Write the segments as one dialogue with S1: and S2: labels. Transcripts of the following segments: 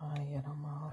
S1: Yes, Rama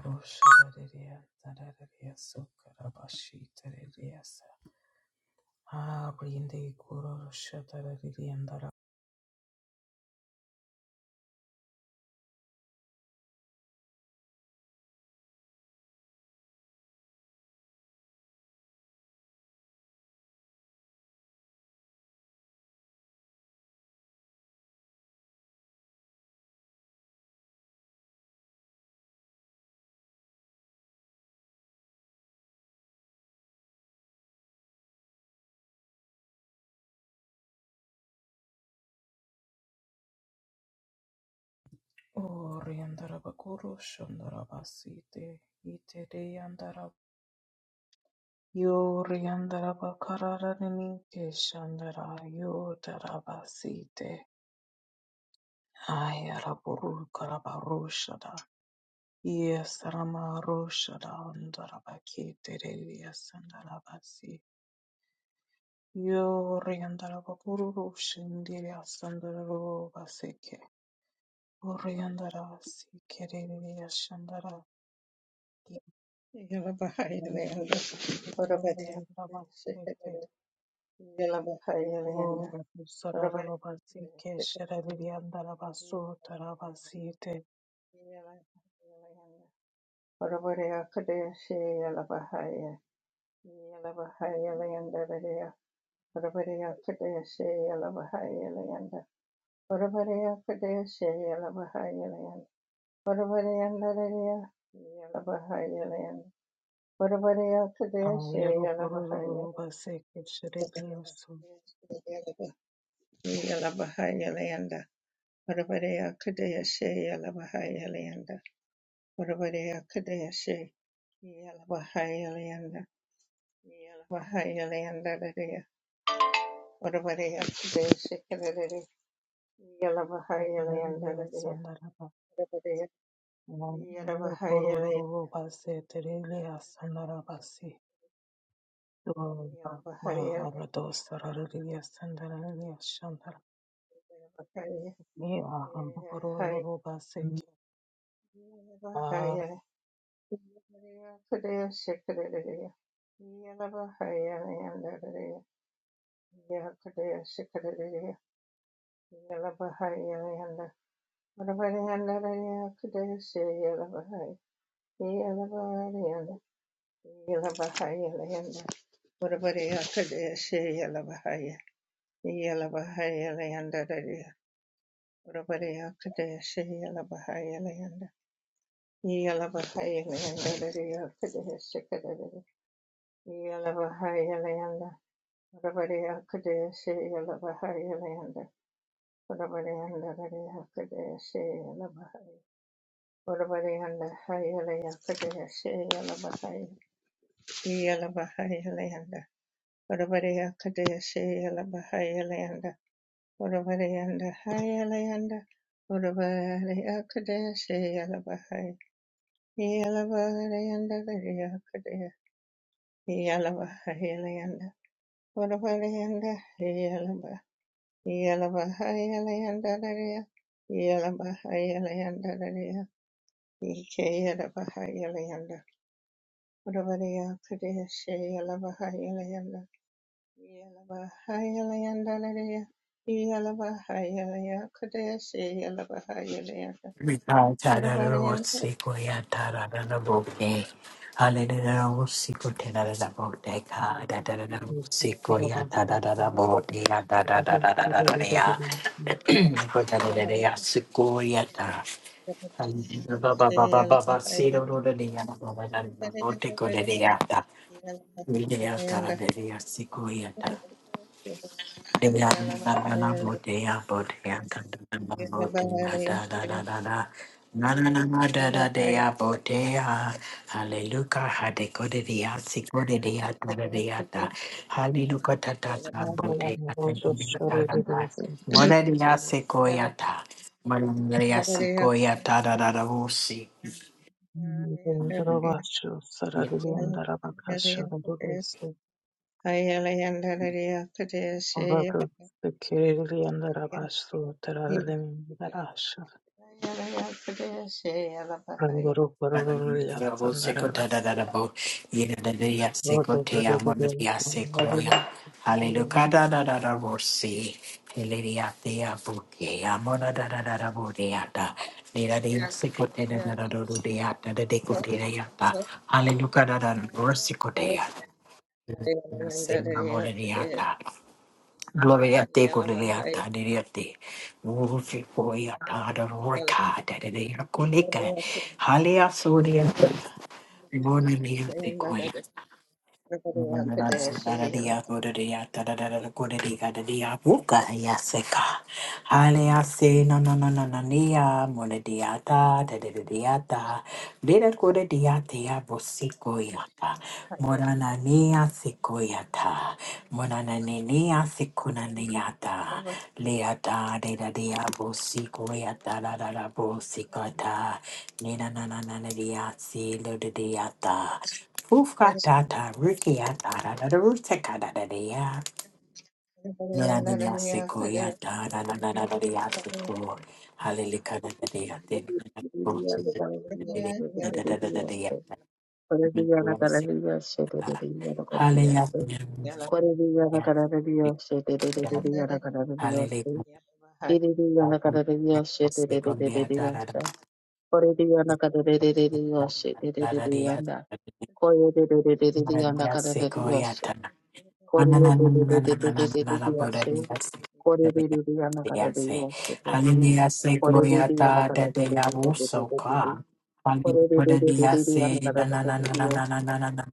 S1: Roshada and Rabaki Terelia Sandarabasi. Yoriandara Bakururu Shindiri Asandaro Baseke Oriandara Sikiri Ashandara
S2: Yala Yalabahayalayanda
S1: Yoriandara
S2: Orabadiya
S1: Baseke
S2: Shikadada Yalabahayalayanda
S1: Oratu Sarara
S2: Orabadiya
S1: Baseke
S2: Shikadada
S1: Sherariandara Basu Tarabasite
S2: Yalabahayalayanda Orabadiya Kadeshi Yalabahaya Yalabahayalayanda Radiya Orabadiya Kadeshi Yalabahayalayanda Orabadiya Kadeshi Yalabahayalayanda Orabariyanda Radiya Yalabahayalayanda Orabadiya Kadeshi
S1: Ayaro
S2: Yalabahaya
S1: Kururu Baseke Sherariasu
S2: Yalabahayalayanda, Varavareya Kadayashe Yalabahayalayanda, Varavareya Kadayashe Yalabahayalayanda, Yalabahayalayanda Radaya, Varavareya Kadayashe Kadadari, Yalabahayalayanda
S1: Sandara
S2: Radaya,
S1: Sandaraba
S2: Varavareya Yalabahayalayanda, Yalabahayalayanda,
S1: Kururu Basete Rilia Sandarabasi Thank you.
S2: Yalabahaya, Yalabahaya. Yalabahaya, Yalabahaya, Rabadiya Kadeshi Yalabahaya Leander. Rabadianda Radia Kadeshi Yalabahaya. Rabadianda Hayalaya Kadeshi Yalabahaya. Yalabahaya Leander. Rabadiya Kadeshi Yalabahaya Leander. Rabadianda Hayalanda. Rabadiya Kadeshi Yalabahaya. Yalabahayanda Radia Kadeshi Yalabahaya Leander. Rabadianda Hayalabahaya. Yalabahayalayandalaya, Yalabahayalayandalaya, Ikeyalabahayalayanda, Uravariya Kudeshe Yalabahayalayanda, Yalabahayalayandalaya, Yalabahayalayandalaya, Kudeshe Yalabahayalayanda, Uravariya Yalabahayalayandalaya,
S3: Hallelujah. Hallelujah, Hadekodia, Sikodia, Tadadiata, Hallelujah, Tatata, Botea, Tadada, Modadia, Sequoiata, Maria, Sequoia, Tadada, Rabo sekota da da da bo. Yeda Hallelujah
S1: It's
S3: da da da da bo si. Nira de ya sekote da da Hallelujah da da
S2: Yeah. Thank
S3: Gloria te kole de ya da de ya te. Ufi Mona mia te koia. Mona se rara dia, ora dia, tararara, kore dia, da dia, buka ia se ka. Hale a se, no, no, no, no, no, nia, mona dia ta, da da da dia ta. Dera kore dia te a bosi koia ta.
S2: you.
S3: Mona na nia se koia ta. Mona na ne nia se kona nia ta. Lea ta, dera dia, bosi koia ta, da da da, bosi koia ta. Nina na na na na dia, si, lo da dia ta. Ufkatata rukiatararutekadadadea. Yanadinasekoyataradadadadadeyaseko.
S4: One, two, three, four, five, six, seven, eight, nine, ten, eleven, twelve, thirteen,
S3: Halelekadadadeyatedadadadadadea.
S4: fourteen,
S3: Mendoaseka.
S4: fifteen,
S3: Haleyaseka.
S2: Yellow,
S3: Halelekadadadeyaseko.
S4: sixteen, seventeen, eighteen,
S3: Hallelujah, say gloria ta de
S4: nineteen,
S3: de ya so
S4: twenty.
S3: ka. Hallelujah, de ya
S4: Forudiudiudiudianna
S3: say
S4: kada
S3: na na na na
S4: kadaudiyo.
S3: na na na na na na.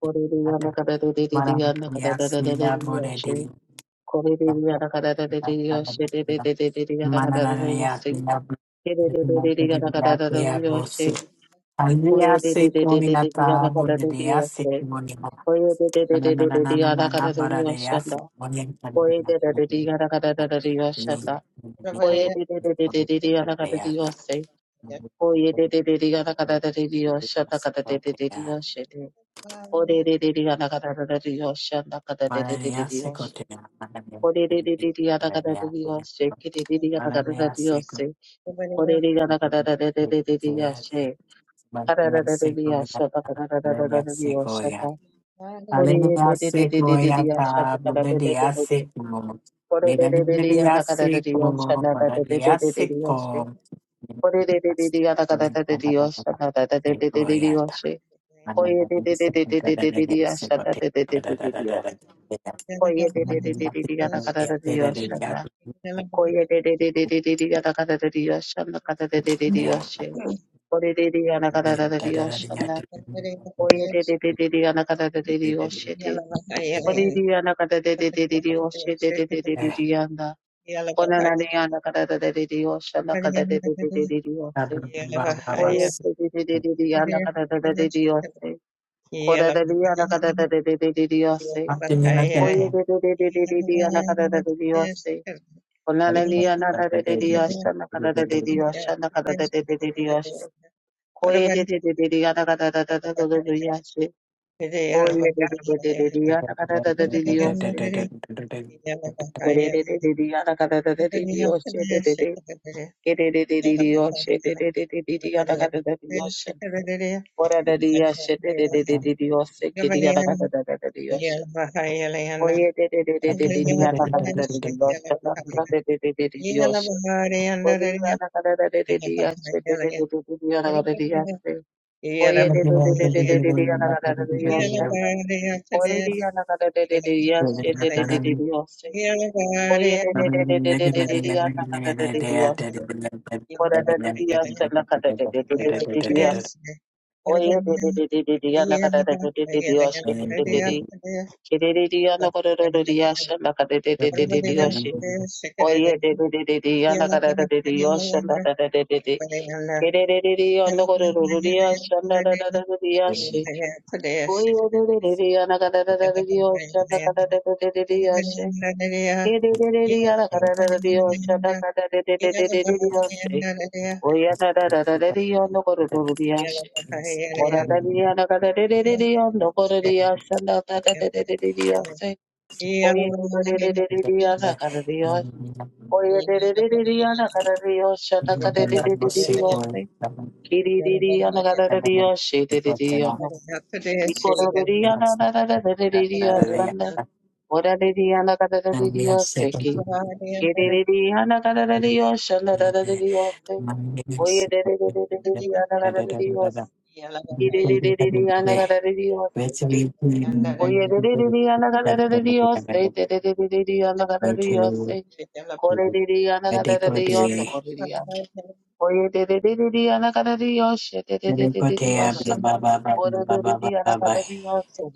S2: yellow,
S4: kadaudiudiudianna kada
S3: Marangia
S4: kada
S3: say la
S4: kadaudiyo.
S3: bore
S4: She.
S3: de.
S4: Khoreudianna kada kadaudiyo. She. Dediudianna kada kada kadaudiyo. She.
S3: Mananaria say la bore de
S4: Khoreudianna kada
S3: ya say ya
S4: kadaudiyo. She.
S3: bose. Hallelujah, say gloria ta
S4: Khoreudiudianna kada
S3: bore de ya
S4: kadaudiyo.
S3: say
S4: She.
S3: Na na na na na na
S4: Khoreudiudianna
S3: na
S4: kada kadaudiyo.
S3: na,
S4: She. Khoreudiudianna kada kadaudiyo. She. Khoreudiudianna kada kadaudiyo. She. おれれれれやながられれよっしゃ、なかだれれれれよっしゃ。おれれれれれやながられれよっしゃ、きれれれやながられれよっしゃ。おれれやながられれれれれやっしゃ。かられれれれやっしゃ、なかられれれれよっしゃ。おれれれれれれれやっしゃ、なかられれれれ。おれれれれれやなかられれよっしゃ、なられれれれれよっしゃ。おれれれれれやなかられれれよっしゃ、なられれれれよっしゃ。こえれれれれれれれやっしゃ、なれれれれれよっしゃ。
S3: Manana Hallelujah, seko yata, bulede ya seko, beda bulede ya
S4: Koye de de de de de de yada kada da de şanla. Koye de de de de de de de yada kada da de şanla kada de de de de şey. Koye de de yana kada da de diyor şanla. Koye de de de de de yana kada da de diyor şey de. Koye de yana kada de de de de de şey de de de de
S3: eh,
S4: de de yanda.
S2: Yeah.
S4: Ona na ne yana kada da de de de şanla kada de de de de de de şey.
S3: baba baba
S4: Koye de de de de
S3: seko,
S4: de de yana kada da da de de şey. Koye de de yana kada da de de de de şey. Koye de de de de de de de yana de de de diyor şey.
S2: Yeah.
S4: Hallelujah,
S3: Thank
S4: na, da de de de yasha, na, kada da de de yasha, na, kada da, de de de de yasha. Koye de de de de de yana kada da, Onalaliya da, shana kalalaliya shana kalalaliya shi. Koye de de de de de de yana kada da, nakalalaliya shi. Koye dedededeliya nakalalaliya shi. Kore dedededeliya nakalalaliya shi dedede. Kedededeliya shi dedededeliya nakalalaliya shi. Oralaliya shi da, shi kediya nakalalaliya shi. Koye dedededeliya nakalalaliya shi. Nakalalaliya shi. Oye, de de de de de, yana kada de de de,
S2: Yeah,
S4: yoshana da da de de de. Oye,
S2: Yeah.
S3: you. Medical delay. Medical
S4: Tee dee dee dee, I'm a galadadio. Shee dee dee dee dee, I'm a. You go to the Rio, I'm a da da da da dee dee. I'm the one. I'm a dee dee, I'm a galadadio. Shee ki. Tee dee dee dee, I'm a galadadio. Shee da da da dee dee. I'm the one. I'm a dee dee dee dee, I'm a galadadio. Shee dee dee dee dee dee dee, I'm a galadadio. Shee. I'm the one. I'm a dee dee dee dee, I'm a galadadio. Shee dee dee dee dee dee dee, I'm a galadadio. Shee. Go to the Rio, I'm a galadadio. I'm the
S3: delay.
S4: one. I'm a dee dee dee dee, I'm a galadadio. Shee dee dee
S3: Blah
S4: dee dee dee dee, I'm a galadadio. Shee.
S3: blah blah blah blah blah
S4: di di
S3: blah
S4: ana
S3: blah.
S4: kada di
S3: blah.
S2: Yeah.
S4: yosu.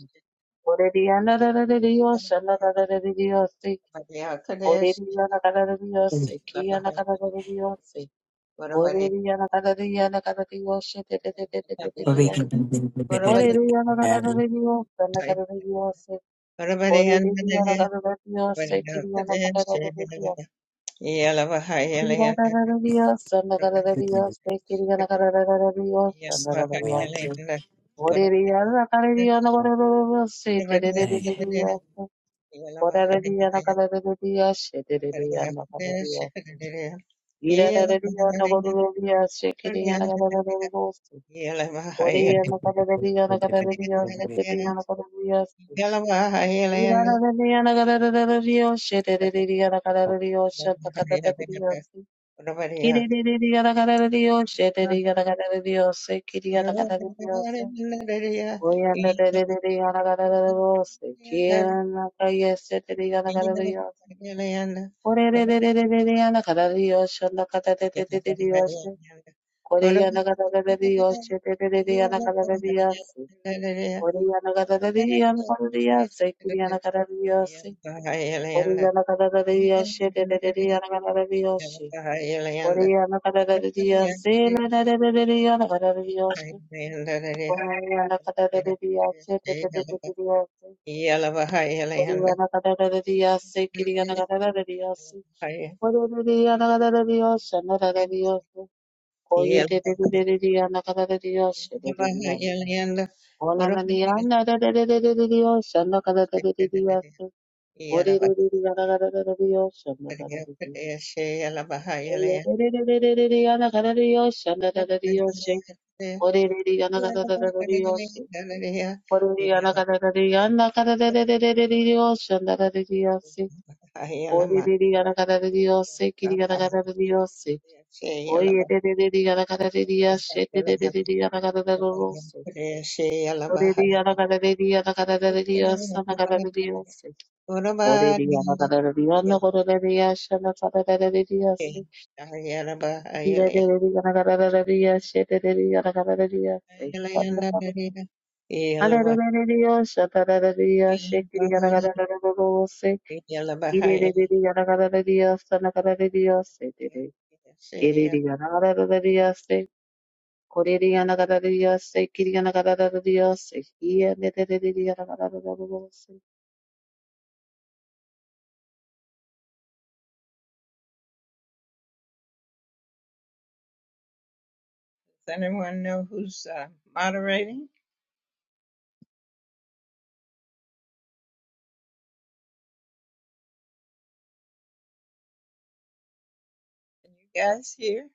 S4: Ora di ana da da di yosu. Ana kada da di yosu. Ora di ana ana ana ana ana ana ana kada da di yosu. Ora di ana kada di ana kada di yosu. Te te te te te te te
S3: But
S4: di
S3: we
S4: yosu.
S3: can
S4: Ora di ana da da da da da da da di yosu. Ora di ana kada da di yosu. Ki ana kada da di yosu. Ki ana kada da di yosu. Ana kada da di yosu. Ki ana kada da di yosu. Ana kada da Ki Ki Ki Te te te te te te Dios, Oreriana Kareriana Gororo Sitiriana Gorariana Kararia Sitiriana Kararia Irariana Gororia Sikiriana Gororo Oriana Karariana Kararia Sitiriana Kararia Irariana Kararia Sitiriana Kararia Santa Kararia Kiririana Kararia Sitiriana Kararia Sikiriana Kararia Oriana
S2: Yeah. Yeah.
S4: Oriana Cadada de Dios, Kiriana Cadada de Dios, Oriana Cadada de Dios, Anada de Dios, Oye, de Diana Cadada de Dios, de Diana. Ola na Diana de Dios, Anada Cadada de Dios, Oriana Cadada de Dios, Anada de Dios. Oye de Diana Cadada de Dios, Anada de Dios, Oriana Cadada de Dios, Oriana Cadada de Diana Cadada de Dios, Anada de Dios. Oriririyanagaririyose,
S2: Yeah.
S4: kiriyanagarariyose.
S2: Does
S4: Oyererereriyanagarariyashe, dererereriyanagararose. Oririyanagaririyanagarariyasa, nagarariyose. Oririyanagaririyanagarariyashe, nagarariyose. Kirerereriyanagarariyashe, derereriyanagarariyase. Alerereriyoshe, nagarariyashe, kiriyanagararose. Kirerereriyanagarariyasa, nagarariyose. Dear Mother, I'm going
S2: anyone know who's uh, moderating? Can you guys hear?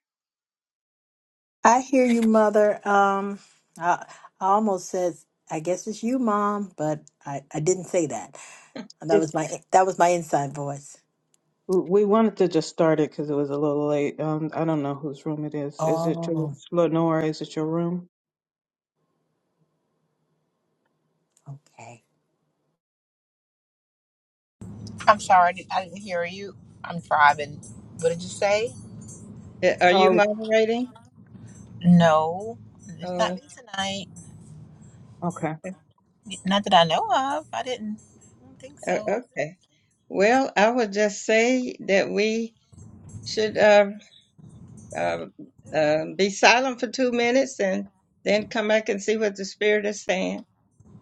S3: I hear you, mother. Um, I, I almost said, I guess it's you, mom, but I, I didn't say that. And That was my that was my inside voice.
S1: we wanted to just start it because it was a little late. Um, I don't know whose room it is. Is it your
S3: Oh,
S1: Lenore? Is it your room?
S3: okay.
S5: I'm sorry, I didn't, I didn't hear you. I'm driving. What did you say?
S2: Uh, Are you
S1: Oh,
S2: moderating?
S5: No, it's not
S2: Oh,
S5: me tonight.
S1: okay.
S2: okay.
S5: Not that I know of. I didn't. I don't think
S2: uh,
S5: so.
S2: okay. Well, I would just say that we should uh, uh, uh, be silent for two minutes and then come back and see what the Spirit is saying.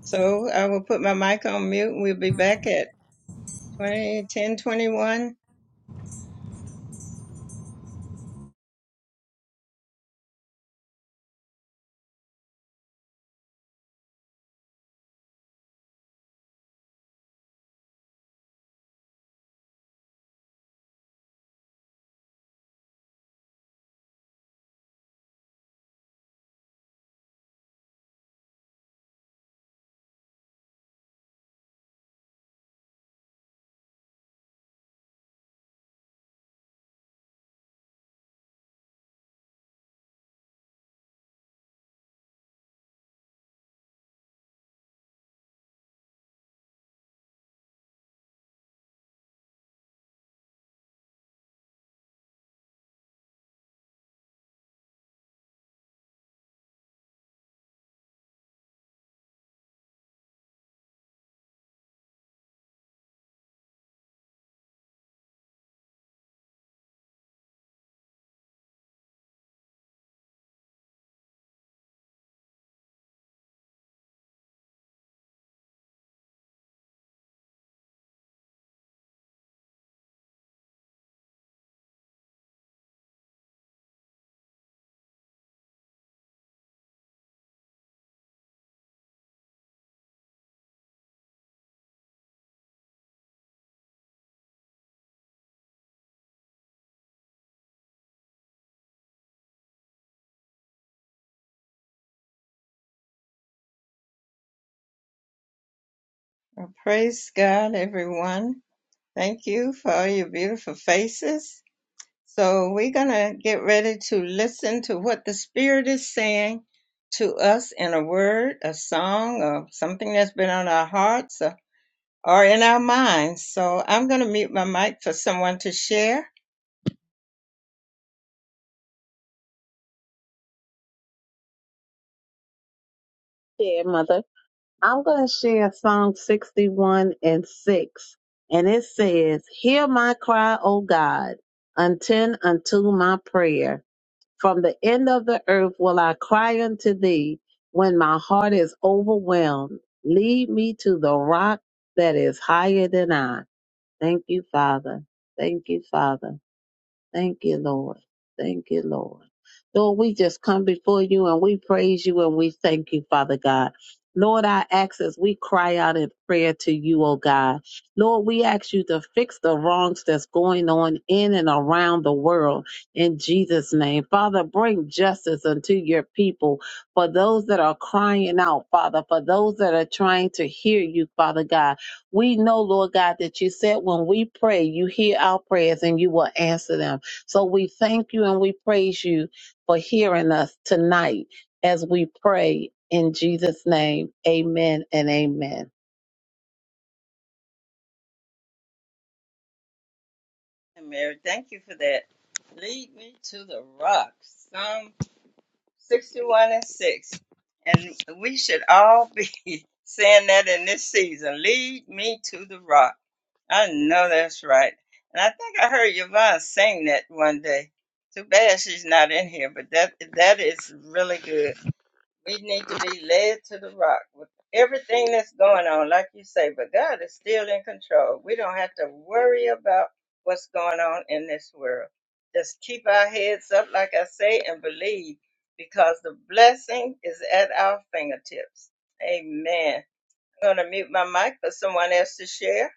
S2: So I will put my mic on mute and we'll be back at twenty ten twenty one. Well, praise God, everyone. Thank you for all your beautiful faces. So we're going to get ready to listen to what the Spirit is saying to us in a word, a song, or something that's been on our hearts or or in our minds. So I'm going to mute my mic for someone to share.
S4: to share Psalm 61:6, and six. And it says, "Hear my cry, O God, attend unto my prayer. From the end of the earth will I cry unto Thee. When my heart is overwhelmed, lead me to the rock that is higher than I." Thank you, Father. Thank you, Father. Thank you, Lord. Thank you, Lord. Lord, we just come before you and we praise you and we thank you, Father God. Lord, I ask as we cry out in prayer to you, oh God. Lord, we ask you to fix the wrongs that's going on in and around the world in Jesus' name. Father, bring justice unto your people for those that are crying out, Father, for those that are trying to hear you, Father God. We know, Lord God, that you said when we pray, you hear our prayers and you will answer them. So we thank you and we praise you for hearing us tonight as we pray in Jesus' name. Amen and amen.
S2: And Mary, thank you for that. Lead me to the rock, Psalm 61 and 6. And we should all be saying that in this season. Lead me to the rock. I know that's right. And I think I heard Yvonne sing that one day. Too bad she's not in here, but that that is really good. We need to be led to the rock with everything that's going on, like you say, but God is still in control. We don't have to worry about what's going on in this world. Just keep our heads up, like I say, and believe because the blessing is at our fingertips. Amen. I'm going to mute my mic for someone else to share.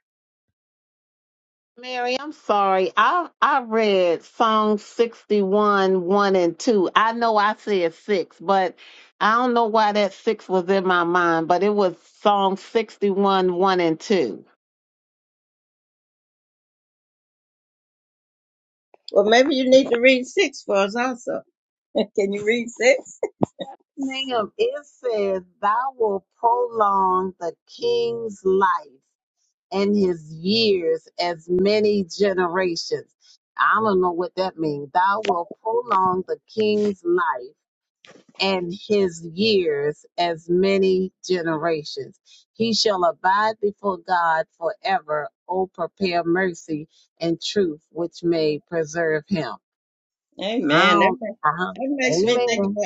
S4: Mary, I'm sorry. I I read Psalm 61, 1 and 2. I know I said 6, but I don't know why that 6 was in my mind, but it was Psalm 61, 1 and 2.
S2: Well, maybe you need to read six for us also. Can you read six?
S4: Ma'am, it says, Thou will prolong the king's life and his years as many generations. I don't know what that means. Thou will prolong the king's life and his years as many generations. He shall abide before God forever. O prepare mercy and truth, which may preserve him. I
S2: Amen. That,
S4: don't,
S2: ma-
S4: uh-huh.
S2: that makes me think
S4: Amen.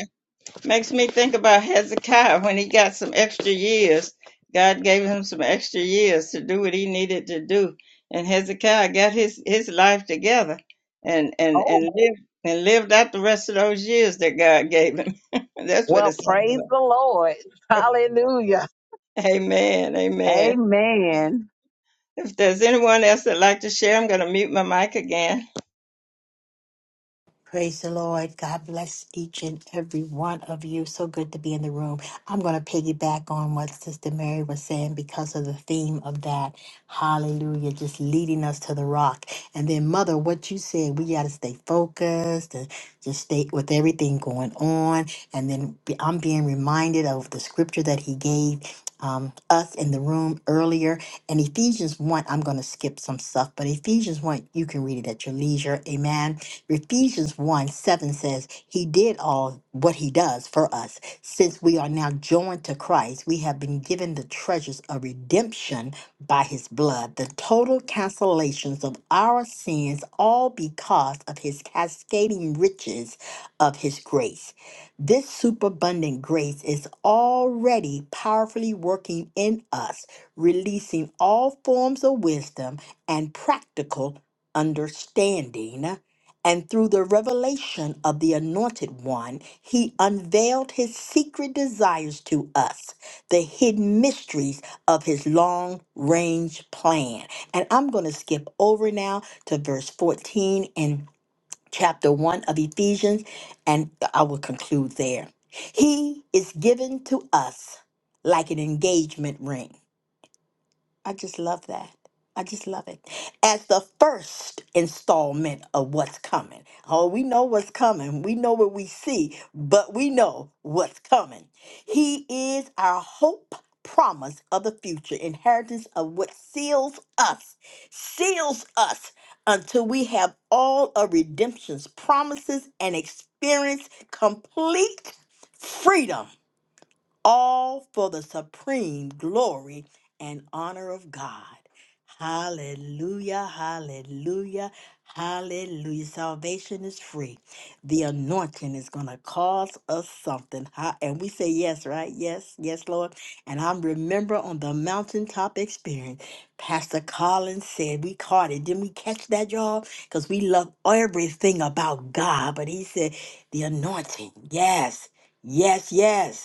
S2: Makes me think about Hezekiah when he got some extra years. God gave him some extra years to do what he needed to do, and Hezekiah got his his life together and and and
S4: Oh,
S2: lived and lived out the rest of those years that God gave him. That's what it
S4: well,
S2: sounds
S4: praise the Lord. Hallelujah.
S2: like. Amen. Amen.
S4: Amen.
S2: If there's anyone else that'd like to share, I'm going to mute my mic again.
S3: Praise the Lord. God bless each and every one of you. So good to be in the room. I'm going to piggyback on what Sister Mary was saying because of the theme of that. Hallelujah. Just leading us to the rock. And then, Mother, what you said, we got to stay focused and just stay with everything going on. And then be- I'm being reminded of the scripture that he gave. Um, us in the room earlier and Ephesians 1, I'm going to skip some stuff, but Ephesians 1, you can read it at your leisure. Amen Ephesians 1 7 says, He did all what He does for us. Since we are now joined to Christ, we have been given the treasures of redemption by His blood, the total cancellations of our sins, all because of His cascading riches of His grace. This superabundant grace is already powerfully working in us, releasing all forms of wisdom and practical understanding and through the revelation of the Anointed One, he unveiled his secret desires to us, the hidden mysteries of his long range plan. And I'm going to skip over now to verse 14 in chapter 1 of Ephesians, and I will conclude there. He is given to us like an engagement ring I just love that. I just love it. As the first installment of what's coming. Oh, we know what's coming. We know what we see, but we know what's coming. He is our hope, promise of the future, inheritance of what seals us, seals us until we have all of redemption's promises and experience complete freedom all for the supreme glory and honor of God. Hallelujah, hallelujah, hallelujah. Salvation is free. The anointing is going to cause us something. Ha- And we say, Yes, right? Yes, yes, Lord. And I remember on the mountaintop experience, Pastor Collins said, We caught it. Didn't we catch that, y'all? Because we love everything about God. But he said, The anointing, yes, yes, yes.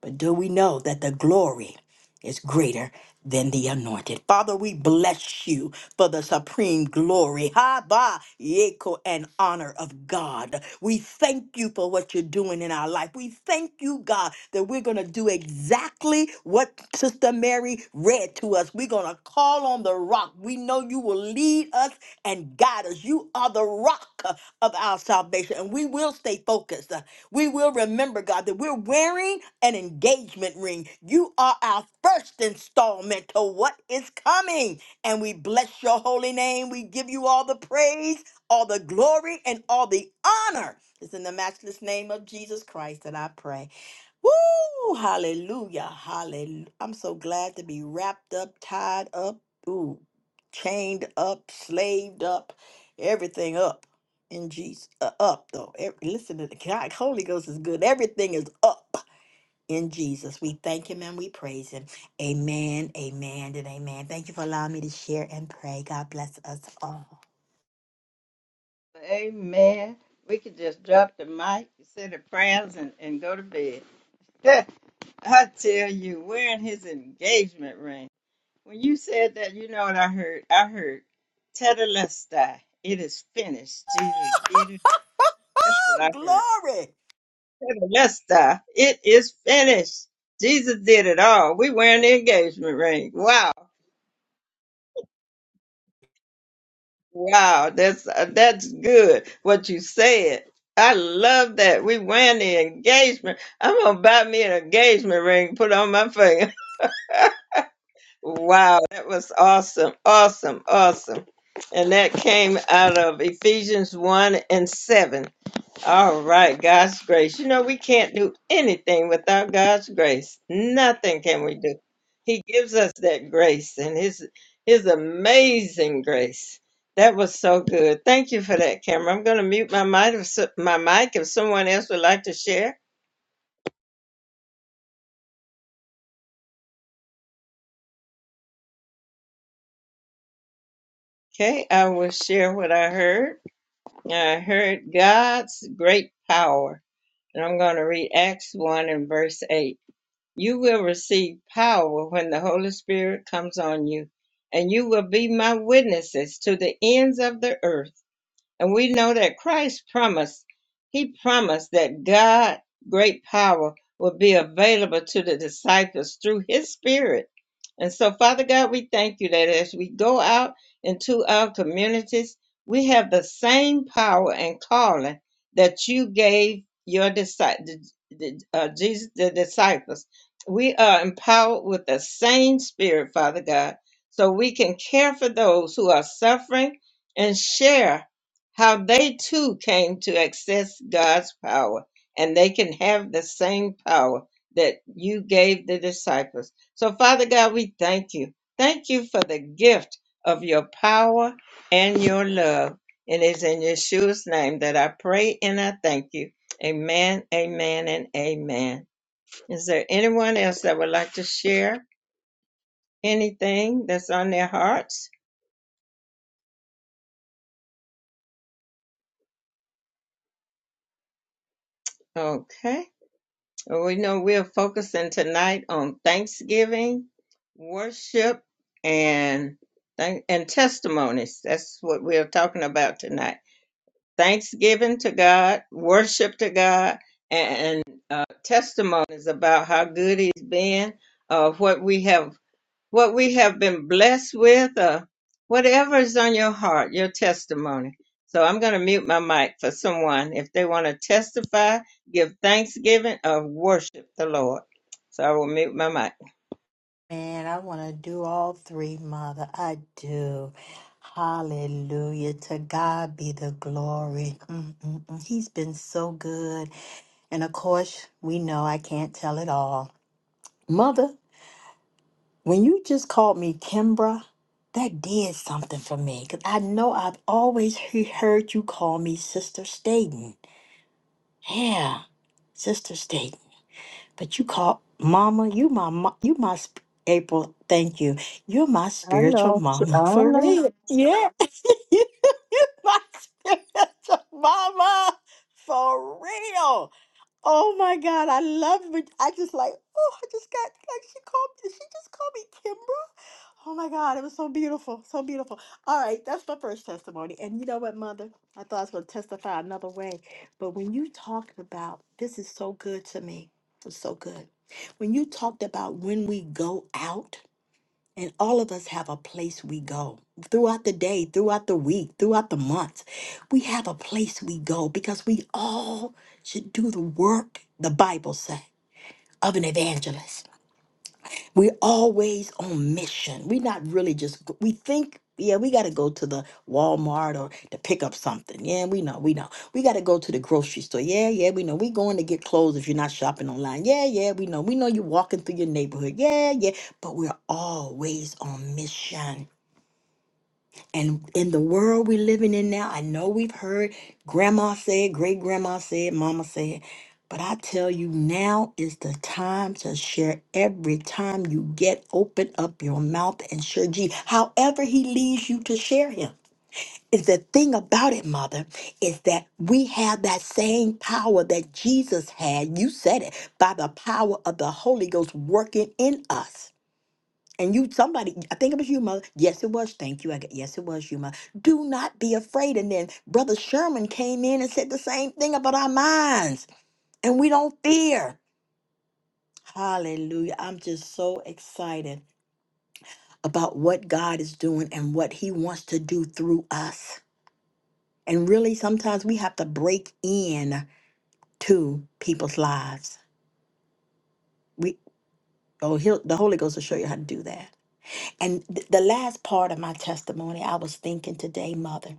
S3: But do we know that the glory is greater than the anointed? Father, we bless you for the supreme glory, ha ba, yeko, and honor of God. We thank you for what you're doing in our life. We thank you, God, that we're going to do exactly what Sister Mary read to us. We're going to call on the rock. We know you will lead us and guide us. You are the rock of our salvation, and we will stay focused. We will remember, God, that we're wearing an engagement ring. You are our first installment to what is coming. And we bless your holy name. We give you all the praise, all the glory, and all the honor. It's in the matchless name of Jesus Christ that I pray. Woo! Hallelujah. Hallelujah. I'm so glad to be wrapped up, tied up, ooh, chained up, slaved up, everything up in Jesus. Uh, up, though. Ev- listen to the God, Holy Ghost is good. Everything is up in Jesus. We thank Him and we praise Him. Amen, amen, and amen. Thank you for allowing me to share and pray. God bless us all.
S2: Amen. We could just drop the mic, say the prayers, and, and go to bed. I tell you, wearing his engagement ring. When you said that, you know what I heard? I heard, Tetelestai, it is finished. Jesus did it. That's what
S3: Oh,
S2: I heard.
S3: glory.
S2: Tetelestai, it is finished. Jesus did it all. We wearing the engagement ring. Wow. Wow. That's, uh, that's good. What you said. I love that. We wearing the engagement. I'm going to buy me an engagement ring, put on my finger. Wow, that was awesome, awesome, awesome. And that came out of Ephesians 1 and 7. All right, God's grace. You know, we can't do anything without God's grace. Nothing can we do. He gives us that grace and his his amazing grace. That was so good. Thank you for that, Cameron. I'm going to mute my mic if so- my mic if someone else would like to share. Okay, I will share what I heard. I heard God's great power And I'm going to read Acts 1 and verse 8. You will receive power when the Holy Spirit comes on you, and you will be my witnesses to the ends of the earth and we know that Christ promised, he promised that God great power would be available to the disciples through his spirit. And so Father God, we thank you that as we go out into our communities, we have the same power and calling that you gave your disciples, uh, Jesus, the disciples. We are empowered with the same spirit, Father God, so we can care for those who are suffering and share how they too came to access God's power, and they can have the same power that you gave the disciples. So, Father God, we thank you. Thank you for the gift of your power and your love. It is in Yeshua's name that I pray and I thank you. Amen, amen, and amen. Is there anyone else that would like to share anything that's on their hearts? Okay. Well, We know we're focusing tonight on Thanksgiving, worship, and thank- and testimonies. That's what we're talking about tonight. Thanksgiving to God, worship to God, and uh, testimonies about how good He's been, uh, what we have what we have been blessed with, or whatever is on your heart, your testimony. So I'm going to mute my mic for someone if they want to testify, give thanksgiving, or worship the Lord. So I will mute my mic.
S3: Man, I want to do all three, Mother. I do. Hallelujah. To God be the glory. Mm-mm-mm. He's been so good. And of course, we know I can't tell it all. Mother, when you just called me Kimbra, that did something for me because I know I've always he- heard you call me Sister Staten. Yeah, Sister Staten. But you call mama, you my mo- you my sp- April. Thank you. You're my
S1: I
S3: spiritual
S1: know. She,
S3: mama
S1: I
S3: for
S1: know.
S3: real. Yeah, you're my spiritual mama for real. Oh my God, I love it. I just like, oh, I just got, like, she called, did she just call me Kimbra? Oh my God, it was so beautiful, so beautiful. All right, that's my first testimony. And you know what, Mother? I thought I was going to testify another way. But when you talked about, this is so good to me. It's so good. When you talked about when we go out, and all of us have a place we go throughout the day, throughout the week, throughout the months. We have a place we go because we all should do the work, the Bible says, of an evangelist. We're always on mission. We're not really just, we think, yeah, we got to go to the Walmart or to pick up something. Yeah, we know, we know. We got to go to the grocery store. Yeah, yeah, we know. we going to get clothes if you're not shopping online. Yeah, yeah, we know. We know you're walking through your neighborhood. Yeah, yeah. But we're always on mission. And in the world we're living in now, I know we've heard grandma say it, great grandma say it, mama say it, but I tell you, now is the time to share every time you get open up your mouth and share G. However, he leads you to share him. Is the thing about it, mother, is that we have that same power that Jesus had. You said it by the power of the Holy Ghost working in us. And you, somebody, I think it was you, mother. Yes, it was. Thank you. I got, yes, it was you, mother. Do not be afraid. And then Brother Sherman came in and said the same thing about our minds, and we don't fear. Hallelujah. I'm just so excited about what God is doing and what He wants to do through us. And really, sometimes we have to break in to people's lives. We, oh, he'll, the Holy Ghost will show you how to do that. And th- the last part of my testimony, I was thinking today, Mother.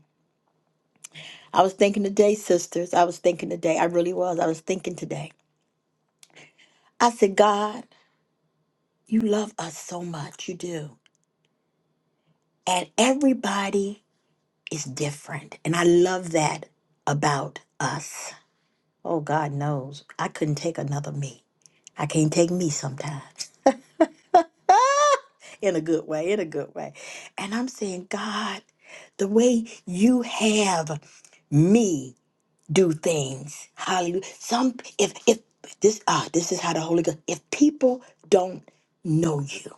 S3: I was thinking today, sisters. I was thinking today. I really was. I was thinking today. I said, God, you love us so much. You do. And everybody is different. And I love that about us. Oh, God knows. I couldn't take another me. I can't take me sometimes in a good way, in a good way. And I'm saying, God, the way you have me do things. Hallelujah. Some if if this ah this is how the Holy Ghost. If people don't know you,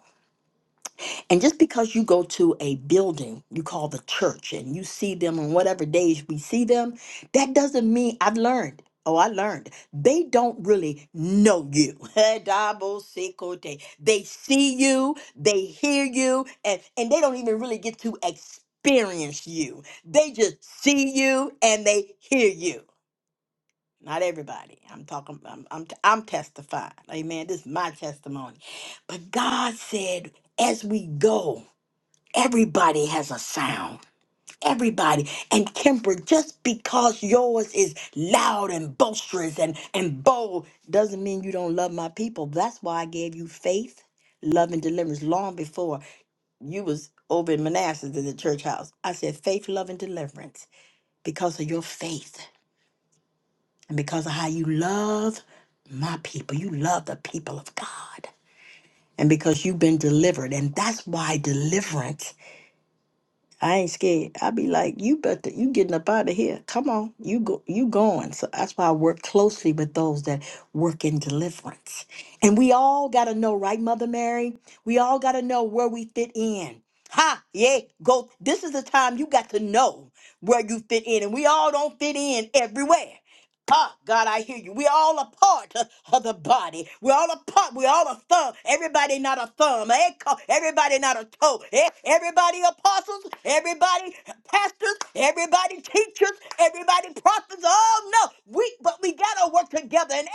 S3: and just because you go to a building you call the church and you see them on whatever days we see them, that doesn't mean I've learned. Oh, I learned. They don't really know you. Double sickle day. They see you, they hear you, and, and they don't even really get to experience you. They just see you and they hear you. Not everybody. I'm talking. I'm. I'm. I'm testifying. Amen. This is my testimony. But God said, as we go, everybody has a sound. Everybody. And Kimber, just because yours is loud and boisterous and and bold, doesn't mean you don't love my people. That's why I gave you faith, love, and deliverance long before you was over in Manassas in the church house. I said faith, love, and deliverance because of your faith and because of how you love my people, you love the people of God, and because you've been delivered, and that's why deliverance. I ain't scared. I be like, you better, you getting up out of here. Come on, you go, you going. So that's why I work closely with those that work in deliverance, and we all gotta know, right, Mother Mary? We all gotta know where we fit in. Ha! Yeah, go. This is the time you got to know where you fit in, and we all don't fit in everywhere. Ah, God, I hear you. We're all a part uh, of the body. We're all a part. We're all a thumb. Everybody not a thumb. Eh, co- Everybody not a toe. Eh, Everybody apostles. Everybody pastors. Everybody teachers. Everybody prophets. Oh no, we but we gotta work together, and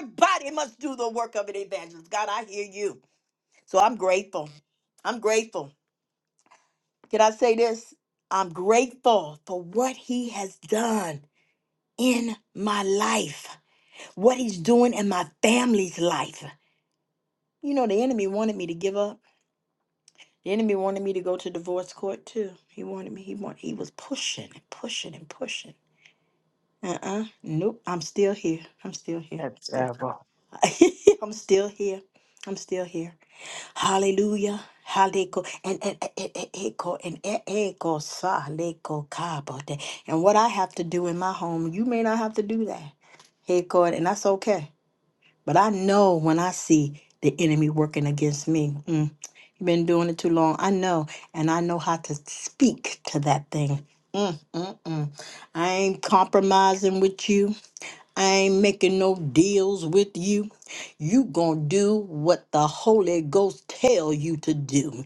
S3: everybody must do the work of an evangelist. God, I hear you. So I'm grateful. I'm grateful. Can I say this? I'm grateful for what He has done in my life what he's doing in my family's life. You know, the enemy wanted me to give up. The enemy wanted me to go to divorce court too. He wanted me. He want. He was pushing and pushing and pushing. Uh uh Nope. I'm still here. I'm still here. I'm
S1: That's
S3: still.
S1: terrible.
S3: here. I'm still here. I'm still here. Hallelujah. Haleko and and and and echo and e- echo sa leko kabote. And what I have to do in my home, you may not have to do that. Hey God, and that's okay. But I know when I see the enemy working against me, mm, you've been doing it too long. I know, and I know how to speak to that thing. Mm, mm, mm. I ain't compromising with you. I ain't making no deals with you. You gonna do what the Holy Ghost tell you to do.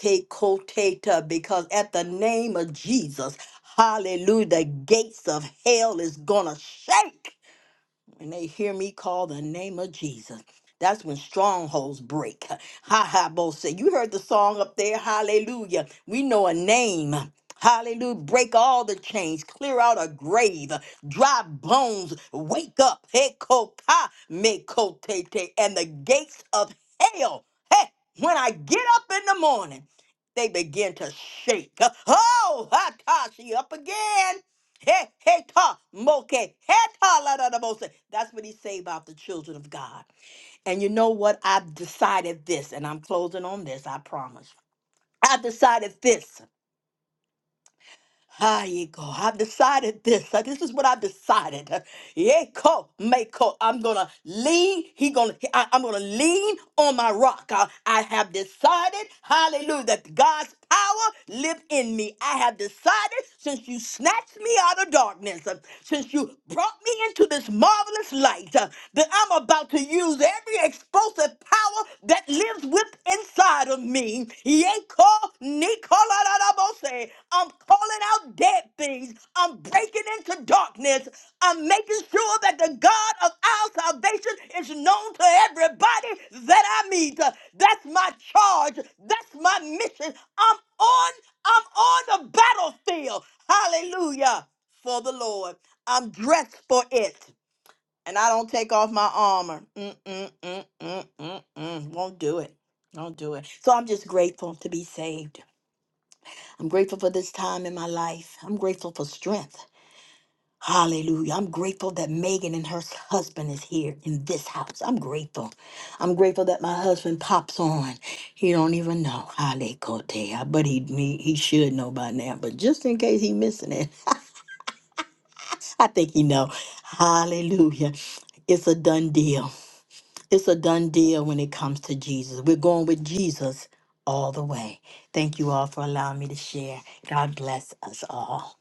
S3: Hate koteta, because at the name of Jesus, hallelujah, the gates of hell is gonna shake when they hear me call the name of Jesus. That's when strongholds break. Ha ha, both say. You heard the song up there, hallelujah. We know a name. Hallelujah. Break all the chains, clear out a grave, dry bones, wake up. Hey, koka, me kote, te, and the gates of hell. Hey, when I get up in the morning, they begin to shake. Oh, ha, ta, she up again. Hey, hey, ta, moke, hey, ta, la, da, da, mose. That's what he say about the children of God. And you know what? I've decided this, and I'm closing on this, I promise. I've decided this. Ah, Yeko, I've decided this. Uh, This is what I've decided. Uh, Yeko, Mako, I'm gonna lean. He gonna. I, am gonna lean on my rock. Uh, I have decided. Hallelujah. That God's power live in me. I have decided since you snatched me out of darkness, uh, since you brought me into this marvelous light, uh, that I'm about to use every explosive power that lives with inside of me. Yeko nikolarabose. I'm calling out dead things. I'm breaking into darkness. I'm making sure that the God of our salvation is known to everybody that I meet. That's my charge. That's my mission. I'm on I'm on the battlefield. Hallelujah for the Lord. I'm dressed for it and I don't take off my armor. Mm, mm, mm, mm, mm, mm. Won't do it. Won't do it. So I'm just grateful to be saved. I'm grateful for this time in my life. I'm grateful for strength. Hallelujah. I'm grateful that Megan and her husband is here in this house. I'm grateful. I'm grateful that my husband pops on. He don't even know. Hale Kotea. But he, he he should know by now. But just in case he missing it, I think he know. Hallelujah. It's a done deal. It's a done deal when it comes to Jesus. We're going with Jesus all the way. Thank you all for allowing me to share. God bless us all.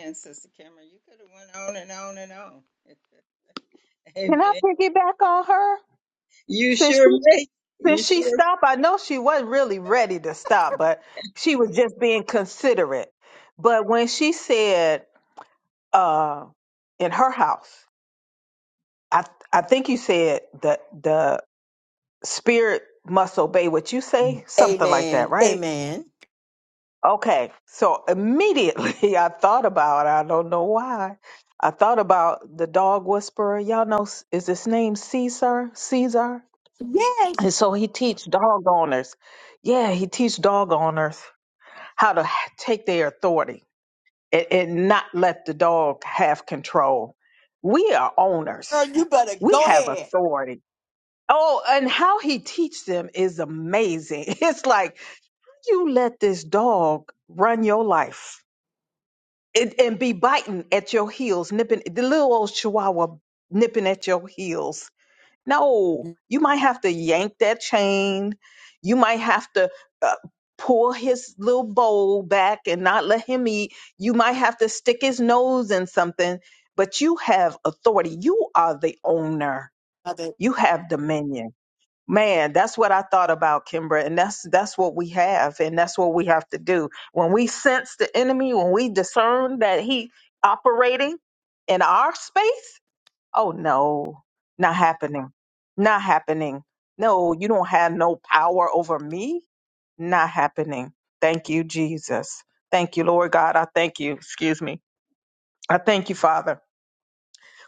S2: And Sister Cameron, you could have went on and on and on.
S1: Can I
S2: Amen.
S1: piggyback on her?
S2: You
S1: Since she
S2: sure may. You
S1: since she
S2: sure.
S1: stopped, I know she wasn't really ready to stop, but she was just being considerate. But when she said uh, in her house. I I think you said that the spirit must obey what you say, something like that,
S3: Amen.
S1: right?
S3: Amen.
S1: Okay. So immediately I thought about I don't know why. I thought about the dog whisperer. Y'all know is his name Caesar? Caesar.
S3: Yes.
S1: And so he teach dog owners. Yeah, he teach dog owners how to take their authority and, and not let the dog have control. We are owners.
S3: Girl, you better
S1: We
S3: go
S1: have
S3: ahead.
S1: authority. Oh, and how he teach them is amazing. It's like you let this dog run your life and, and be biting at your heels, nipping the little old chihuahua nipping at your heels no, you might have to yank that chain. You might have to uh, pull his little bowl back and not let him eat. You might have to stick his nose in something, but you have authority. You are the owner.
S3: Mother.
S1: You have dominion. Man, that's what I thought about, Kimbra, and that's that's what we have, and that's what we have to do. When we sense the enemy, when we discern that he operating in our space, Oh no, not happening. Not happening. No, you don't have no power over me. Not happening. Thank you, Jesus. Thank you, Lord God. I thank you. Excuse me. I thank you, Father,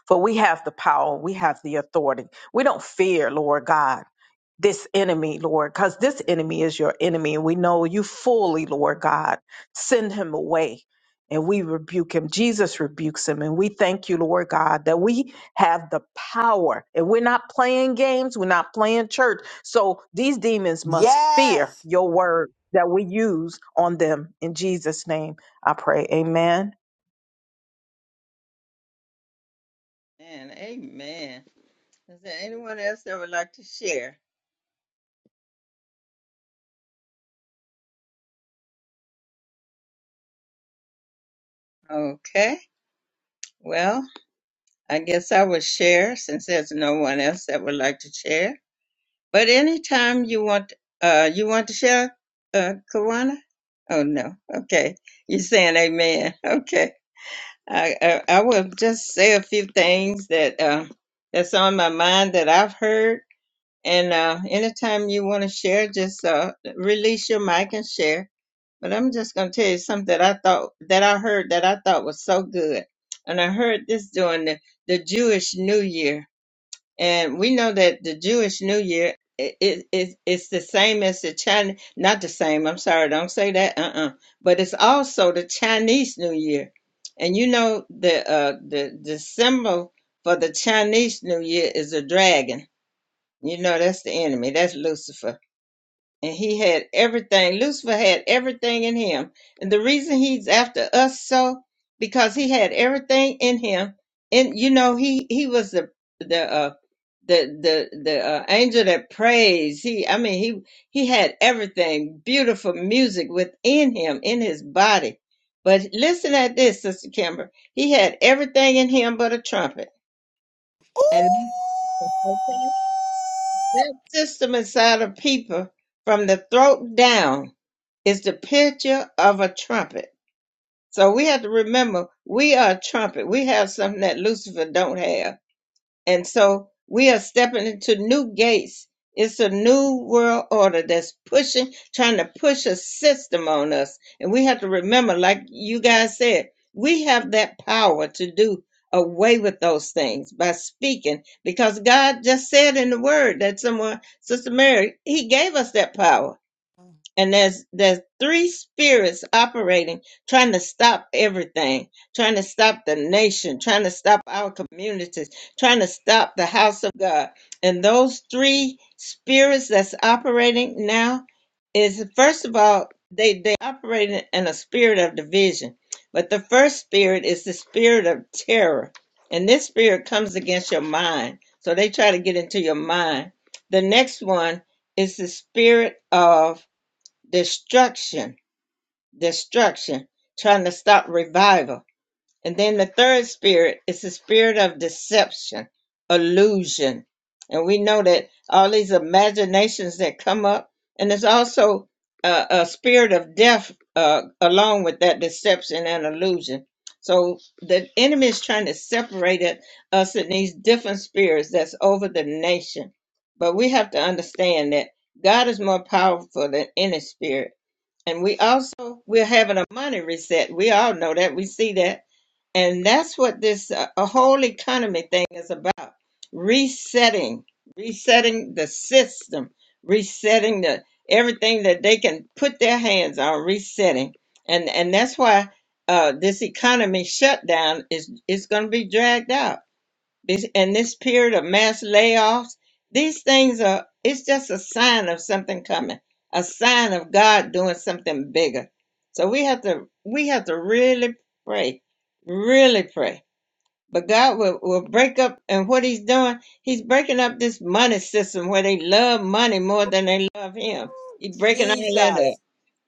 S1: for we have the power. We have the authority. We don't fear, Lord God this enemy, Lord, because this enemy is your enemy. And we know you fully, Lord God, send him away. And we rebuke him. Jesus rebukes him. And we thank you, Lord God, that we have the power. And we're not playing games, we're not playing church. So these demons must fear
S3: Yes.
S1: your word that we use on them. In Jesus' name, I pray. Amen.
S2: And amen. Is there anyone else that would like to share? Okay. Well, I guess I will share since there's no one else that would like to share. But anytime you want, uh, you want to share, uh, Kawana? Oh no. Okay, you're saying Amen. Okay, I, I I will just say a few things that uh, that's on my mind that I've heard. And uh, anytime you want to share, just uh, release your mic and share. But I'm just gonna tell you something that I thought that I heard that I thought was so good, and I heard this during the, the Jewish New Year and we know that the Jewish New Year it, it, it's it's the same as the Chinese, not the same. I'm sorry, don't say that. Uh-uh. But it's also the Chinese New Year, and you know the uh the the symbol for the Chinese New Year is a dragon. You know that's the enemy. That's Lucifer and he had everything. Lucifer had everything in him. And the reason he's after us so because he had everything in him. And you know, he he was the the uh the the the uh, angel that praised. He I mean, he he had everything. Beautiful music within him in his body. But listen at this, Sister Kimber. He had everything in him but a trumpet. And
S3: Ooh,
S2: Okay. That system inside of people from the throat down. Is the picture of a trumpet. So we have to remember we are a trumpet. We have something that Lucifer don't have. And so we are stepping into new gates. It's a new world order that's pushing, trying to push a system on us. And we have to remember, like you guys said, we have that power to do away with those things by speaking because God just said in the word that someone, Sister Mary, He gave us that power and there's there's three spirits operating trying to stop everything trying to stop the nation trying to stop our communities trying to stop the house of god and those three spirits that's operating now is first of all they they operate in a spirit of division but the first spirit is the spirit of terror and this spirit comes against your mind so they try to get into your mind the next one is the spirit of destruction, destruction, trying to stop revival. And then the third spirit is the spirit of deception, illusion. And we know that all these imaginations that come up, and there's also a, a spirit of death uh, along with that deception and illusion. So the enemy is trying to separate it- us in these different spirits that's over the nation. But we have to understand that God is more powerful than any spirit and we also we're having a money reset. We all know that. We see that. And that's what this uh, a whole economy thing is about. Resetting, resetting the system, resetting the everything that they can put their hands on resetting. And and that's why uh, this economy shutdown is is going to be dragged out this and this period of mass layoffs these things are it's just a sign of something coming a sign of god doing something bigger so we have to we have to really pray really pray but god will, will break up and what he's doing he's breaking up this money system where they love money more than they love him he's breaking all that up
S3: Jesus.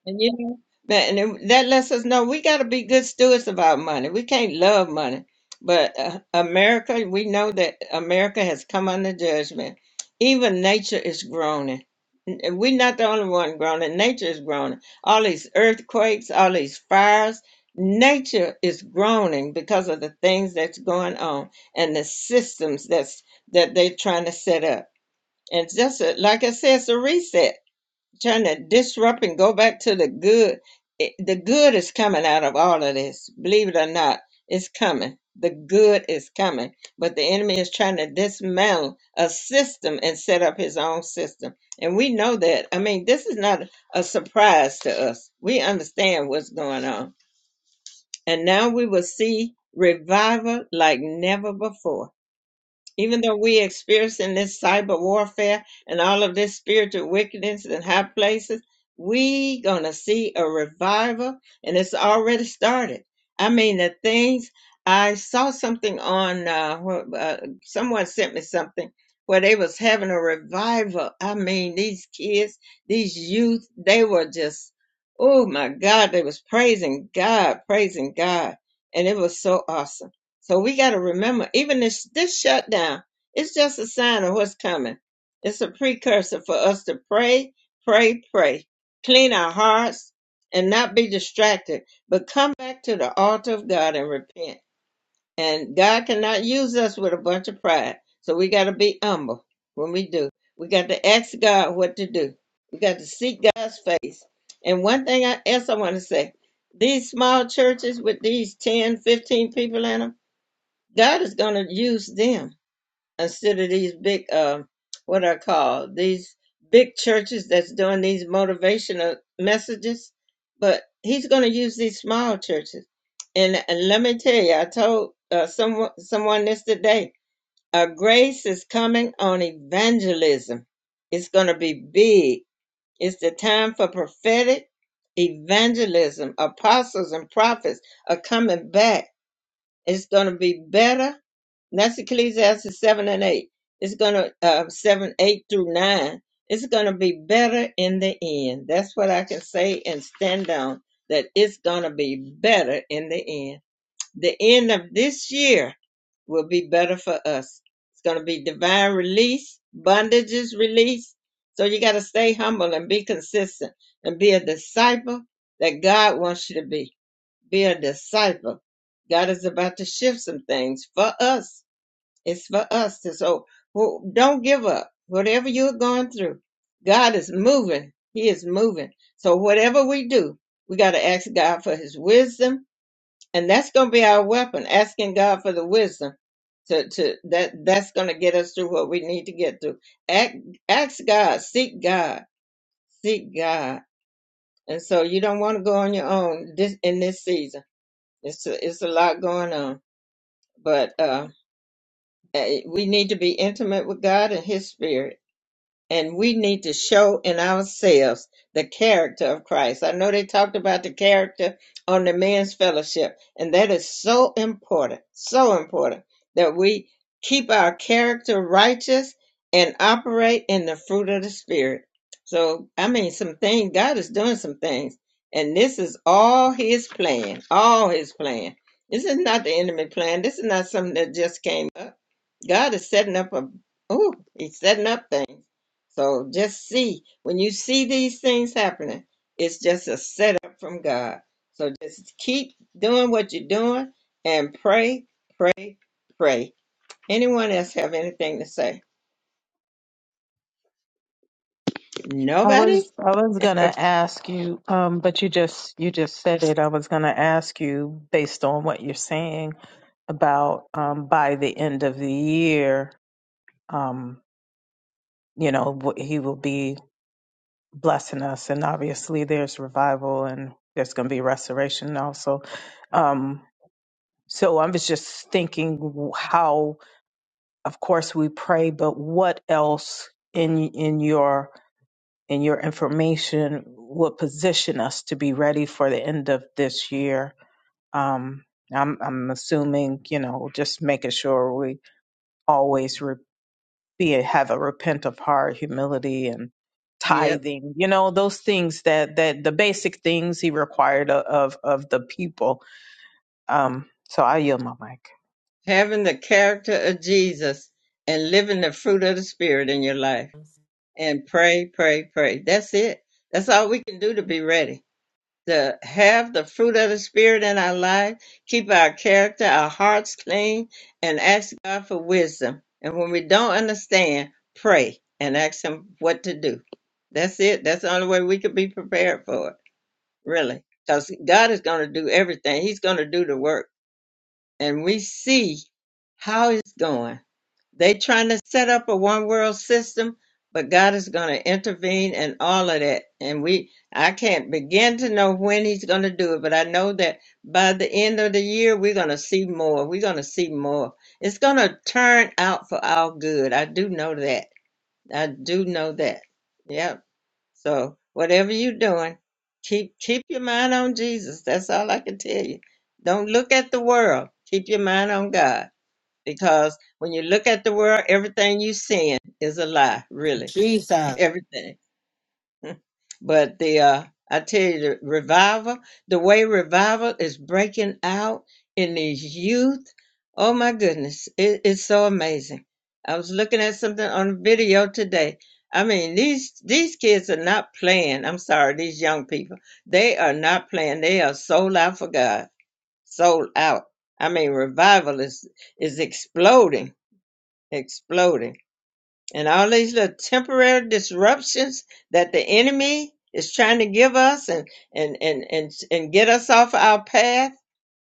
S2: and you know that, and it- that lets us know we got to be good stewards of our money. We can't love money, but uh, America, we know that America has come under judgment. Even nature is groaning. N- and We're not the only one groaning. Nature is groaning. All these earthquakes, all these fires. Nature is groaning because of the things that's going on and the systems that's that they're trying to set up. And just a, like I said, it's a reset trying to disrupt and go back to the good. It, the good is coming out of all of this. Believe it or not, it's coming. The good is coming. But the enemy is trying to dismantle a system and set up his own system. And we know that. I mean, this is not a surprise to us. We understand what's going on. And now we will see revival like never before even though we experiencing this cyber warfare and all of this spiritual wickedness in high places, we gonna see a revival, and it's already started. I mean, the things I saw something on, uh, wh- uh, someone sent me something where they was having a revival. I mean, these kids, these youth, they were just, oh my God, they was praising God, praising God, and it was so awesome. So we got to remember, even this this shutdown, it's just a sign of what's coming. It's a precursor for us to pray, pray, pray, clean our hearts, and not be distracted, but come back to the altar of God and repent. And God cannot use us with a bunch of pride, so we got to be humble when we do. We got to ask God what to do. We got to seek God's face. And one thing I, else I want to say, these small churches with these 10, 15 people in them God is going to use them instead of these big, uh, what I call these big churches that's doing these motivational messages. But He's going to use these small churches. And, and let me tell you, I told uh, someone someone this today. Uh, grace is coming on evangelism. It's going to be big. It's the time for prophetic evangelism. Apostles and prophets are coming back. It's going to be better and that's Ecclesiastes 7 and 8. It's going to, uh, 7, 8 through 9. It's going to be better in the end. That's what I can say and stand on, that it's going to be better in the end. The end of this year will be better for us. It's going to be divine release, bondages release. So you got to stay humble and be consistent and be a disciple that God wants you to be. Be a disciple. God is about to shift some things for us it's for us to so wh- don't give up. Whatever you're going through, God is moving. He is moving. So whatever we do, we got to ask God for His wisdom, and that's going to be our weapon. Asking God for the wisdom to to that that's going to get us through what we need to get through. Act, ask God, seek God, seek God. And so you don't want to go on your own this in this season. It's a, it's a lot going on, but uh,
S1: Mm.
S2: eh, we need to be intimate with God and His Spirit and we need to show in ourselves the character of Christ. I know they talked about the character on the men's fellowship, and that is so important, so important that we keep our character righteous and operate in the fruit of the Spirit. So, I mean, some things, God is doing some things, and this is all His plan, all His plan. This is not the enemy plan. This is not something that just came up God is setting up a oh, He's setting up things. So just see when you see these things happening, it's just a setup from God. So just keep doing what you're doing and pray, pray, pray. Anyone else have anything to say?
S1: I
S2: Nobody?
S1: was I was gonna ask you, um, but you just you just said it. I was gonna ask you based on what you're saying about um, by the end of the year, um, you know, wh- he will be blessing us. And obviously, there's revival and there's going to be restoration also. Um, so I was just thinking how, of course, we pray, but what else in in your in your information would position us to be ready for the end of this year? Um, I'm I'm assuming you know just making sure we always be a, have a repent of heart, humility, and
S2: Yep.
S1: tithing. You know those things that that the basic things he required o- of of the people. Um, so I yield my mic.
S2: Having the character of Jesus and living the fruit of the Spirit in your life. And pray, pray, pray. That's it. That's all we can do to be ready. to have the fruit of the Spirit in our life, keep our character, our hearts clean, and ask God for wisdom. And when we don't understand, pray and ask Him what to do. That's it. That's the only way we could be prepared for it, really. Because God is going to do everything, He's going to do the work. And we see how it's going. They trying to set up a one world system, but God is going to intervene and all of that. And we, I can't begin to know when He's going to do it, but I know that by the end of the year, we're going to see more. We're going to see more. It's going to turn out for our good. I do know that. I do know that. Yep. So whatever you're doing, keep keep your mind on Jesus. That's all I can tell you. Don't look at the world. Keep your mind on God because when you look at the world, everything you seeing is a lie, really,
S3: Jesus.
S2: everything. But the uh, I tell you, the revival, the way revival is breaking out in these youth, oh my goodness, it, it's so amazing. I was looking at something on video today. I mean, these these kids are not playing. I'm sorry, these young people, they are not playing. They are sold out for God, sold out. I mean, revival is is exploding exploding. And all these little temporary disruptions that the enemy is trying to give us and and and and, and get us off our path,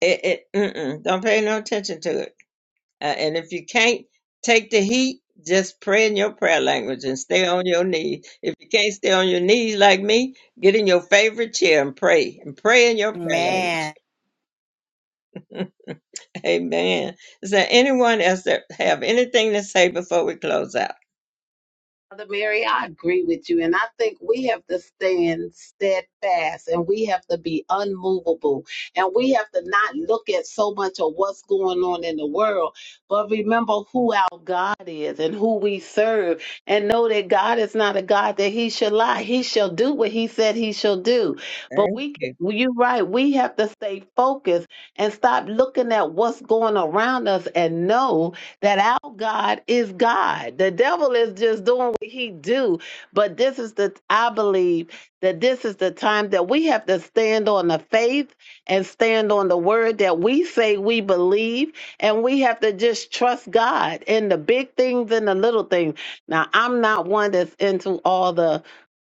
S2: it, it mm-mm, don't pay no attention to it. Uh, and if you can't take the heat, just pray in your prayer language and stay on your knees. If you can't stay on your knees like me, get in your favorite chair and pray and pray in your prayer language.
S3: Man.
S2: Amen. Is there anyone else that have anything to say before we close out?
S4: Mother Mary, I agree with you. And I think we have to stand steadfast and we have to be unmovable. And we have to not look at so much of what's going on in the world, but remember who our God is and who we serve. And know that God is not a God that he shall lie. He shall do what he said he shall do. But
S2: Thank
S4: we, can-
S2: you.
S4: well, you're right, we have to stay focused and stop looking at what's going around us and know that our God is God. The devil is just doing what he do. But this is the I believe that this is the time that we have to stand on the faith and stand on the word that we say we believe and we have to just trust God in the big things and the little things. Now, I'm not one that's into all the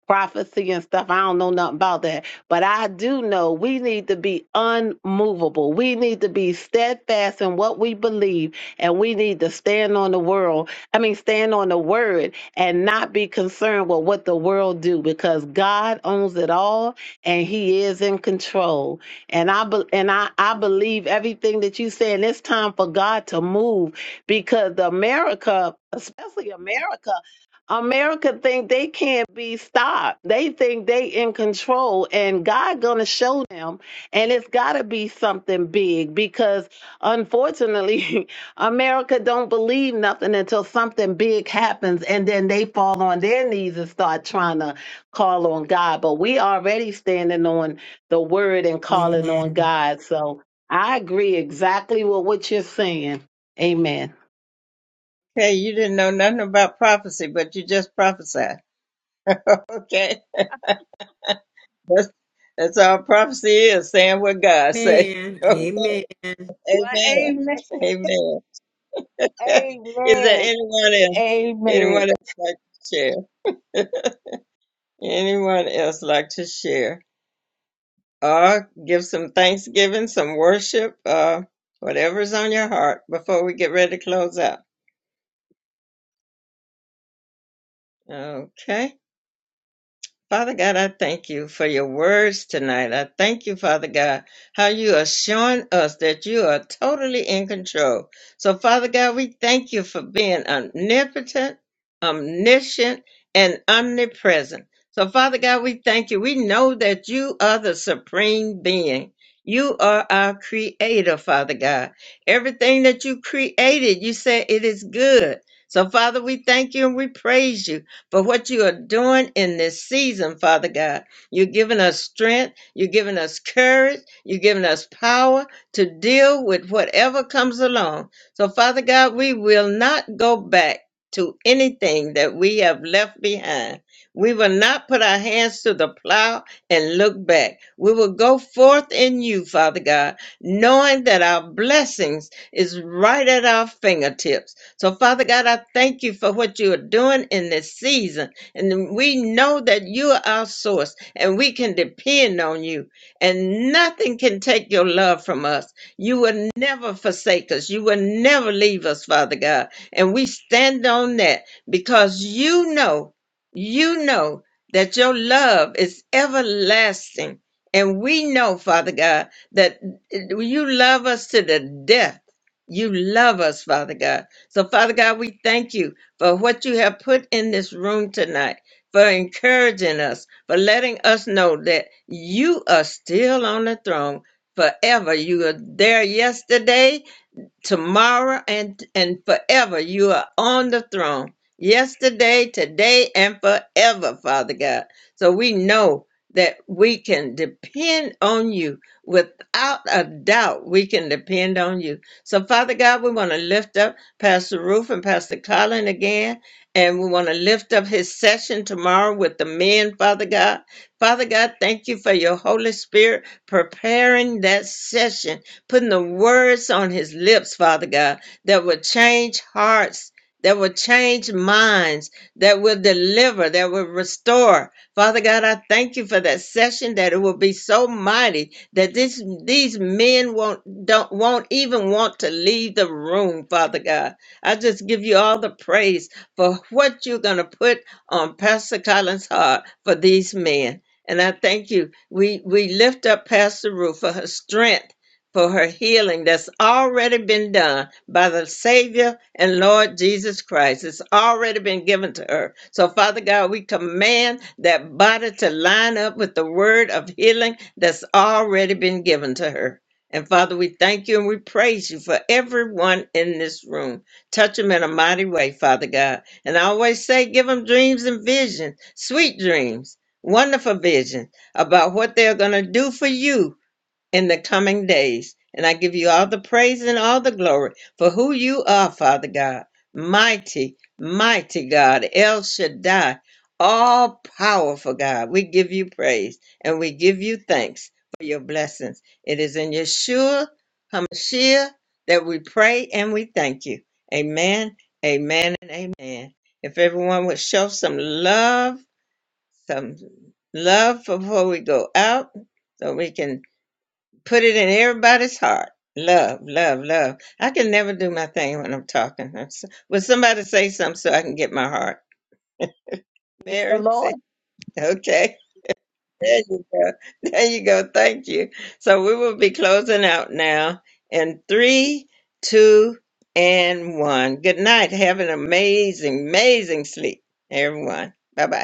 S4: prophecy and stuff. I don't know nothing about that. But I do know we need to be unmovable. We need to be steadfast in what we believe and we need to stand on the world, I mean, stand on the word and not be concerned with what the world do because God owns it all and he is in control. And I be, and I, I believe everything that you say, and it's time for God to move because America, especially America, America think they can't be stopped. They think they in control and God gonna show them and it's gotta be something big because unfortunately America don't believe nothing until something big happens and then they fall on their knees and start trying to call on God. But we already standing on the word and calling on
S3: Amen.
S4: God. So I agree exactly with what you're saying. Amen.
S2: Okay, you didn't know nothing about prophecy, but you just prophesied. okay. That's, that's all prophecy is, saying what God say.
S3: Amen. Amen.
S2: Okay.
S4: Well,
S2: Amen.
S4: amen.
S2: Amen. Is there
S4: Amen.
S2: anyone else?
S4: Amen.
S2: Anyone else like to share? Anyone else like to share? Or give some thanksgiving, some worship, uh, whatever's on your heart before we get ready to close out. Okay. Father God, I thank you for your words tonight. I thank you, Father God, how you are showing us that you are totally in control. So, Father God, we thank you for being omnipotent, omniscient, and omnipresent. So, Father God, we thank you. We know that you are the supreme being. You are our creator, Father God. Everything that you created, you said it is good. So, Father, we thank you and we praise you for what you are doing in this season, Father God. You're giving us strength, you're giving us courage, you're giving us power to deal with whatever comes along. So, Father God, we will not go back to anything that we have left behind. We will not put our hands to the plow and look back. We will go forth in you, Father God, knowing that our blessings is right at our fingertips so, Father God, I thank you for what you are doing in this season. And we know that you are our source and we can depend on you. And nothing can take your love from us. You will never forsake us. You will never leave us, Father God. And we stand on that because you know, you know that your love is everlasting. And we know, Father God, that you love us to the death. You love us, Father God so, Father God, we thank you for what you have put in this room tonight, for encouraging us, for letting us know that you are still on the throne forever. You were there yesterday, tomorrow and and forever you are on the throne yesterday today and forever father god so we know that we can depend on you without a doubt we can depend on you so father god we want to lift up pastor roof and pastor colin again and we want to lift up his session tomorrow with the men father god father god thank you for your holy spirit preparing that session putting the words on his lips, Father God, that will change hearts, that will change minds, that will deliver, that will restore. Father God, I thank you for that session that it will be so mighty that this these men won't don't won't even want to leave the room, Father God. I just give you all the praise for what you're gonna put on Pastor Collins' heart for these men. And I thank you. We we lift up Pastor Ruth for her strength for her healing that's already been done by the Savior and Lord Jesus Christ. It's already been given to her. So, Father God, we command that body to line up with the word of healing that's already been given to her. And Father, we thank you and we praise you for everyone in this room. Touch them in a mighty way, Father God. And I always say, give them dreams and visions, sweet dreams, wonderful vision about what they're going to do for you in the coming days. And I give you all the praise and all the glory for who you are, Father God. Mighty, mighty God, El Shaddai, all powerful God. We give you praise and we give you thanks for your blessings. It is in Yeshua HaMashiach that we pray and we thank you. Amen, amen, and amen. If everyone would show some love, some love before we go out, so we can put it in everybody's heart. Love, love, love. I can never do my thing when I'm talking. I'm so- Will somebody say something so I can get my heart?
S4: Praise the
S2: Mary,
S4: Lord.
S2: say, okay. There you go. There you go. Thank you. So we will be closing out now in three, two, and one. Good night. Have an amazing, amazing sleep, everyone. Bye bye.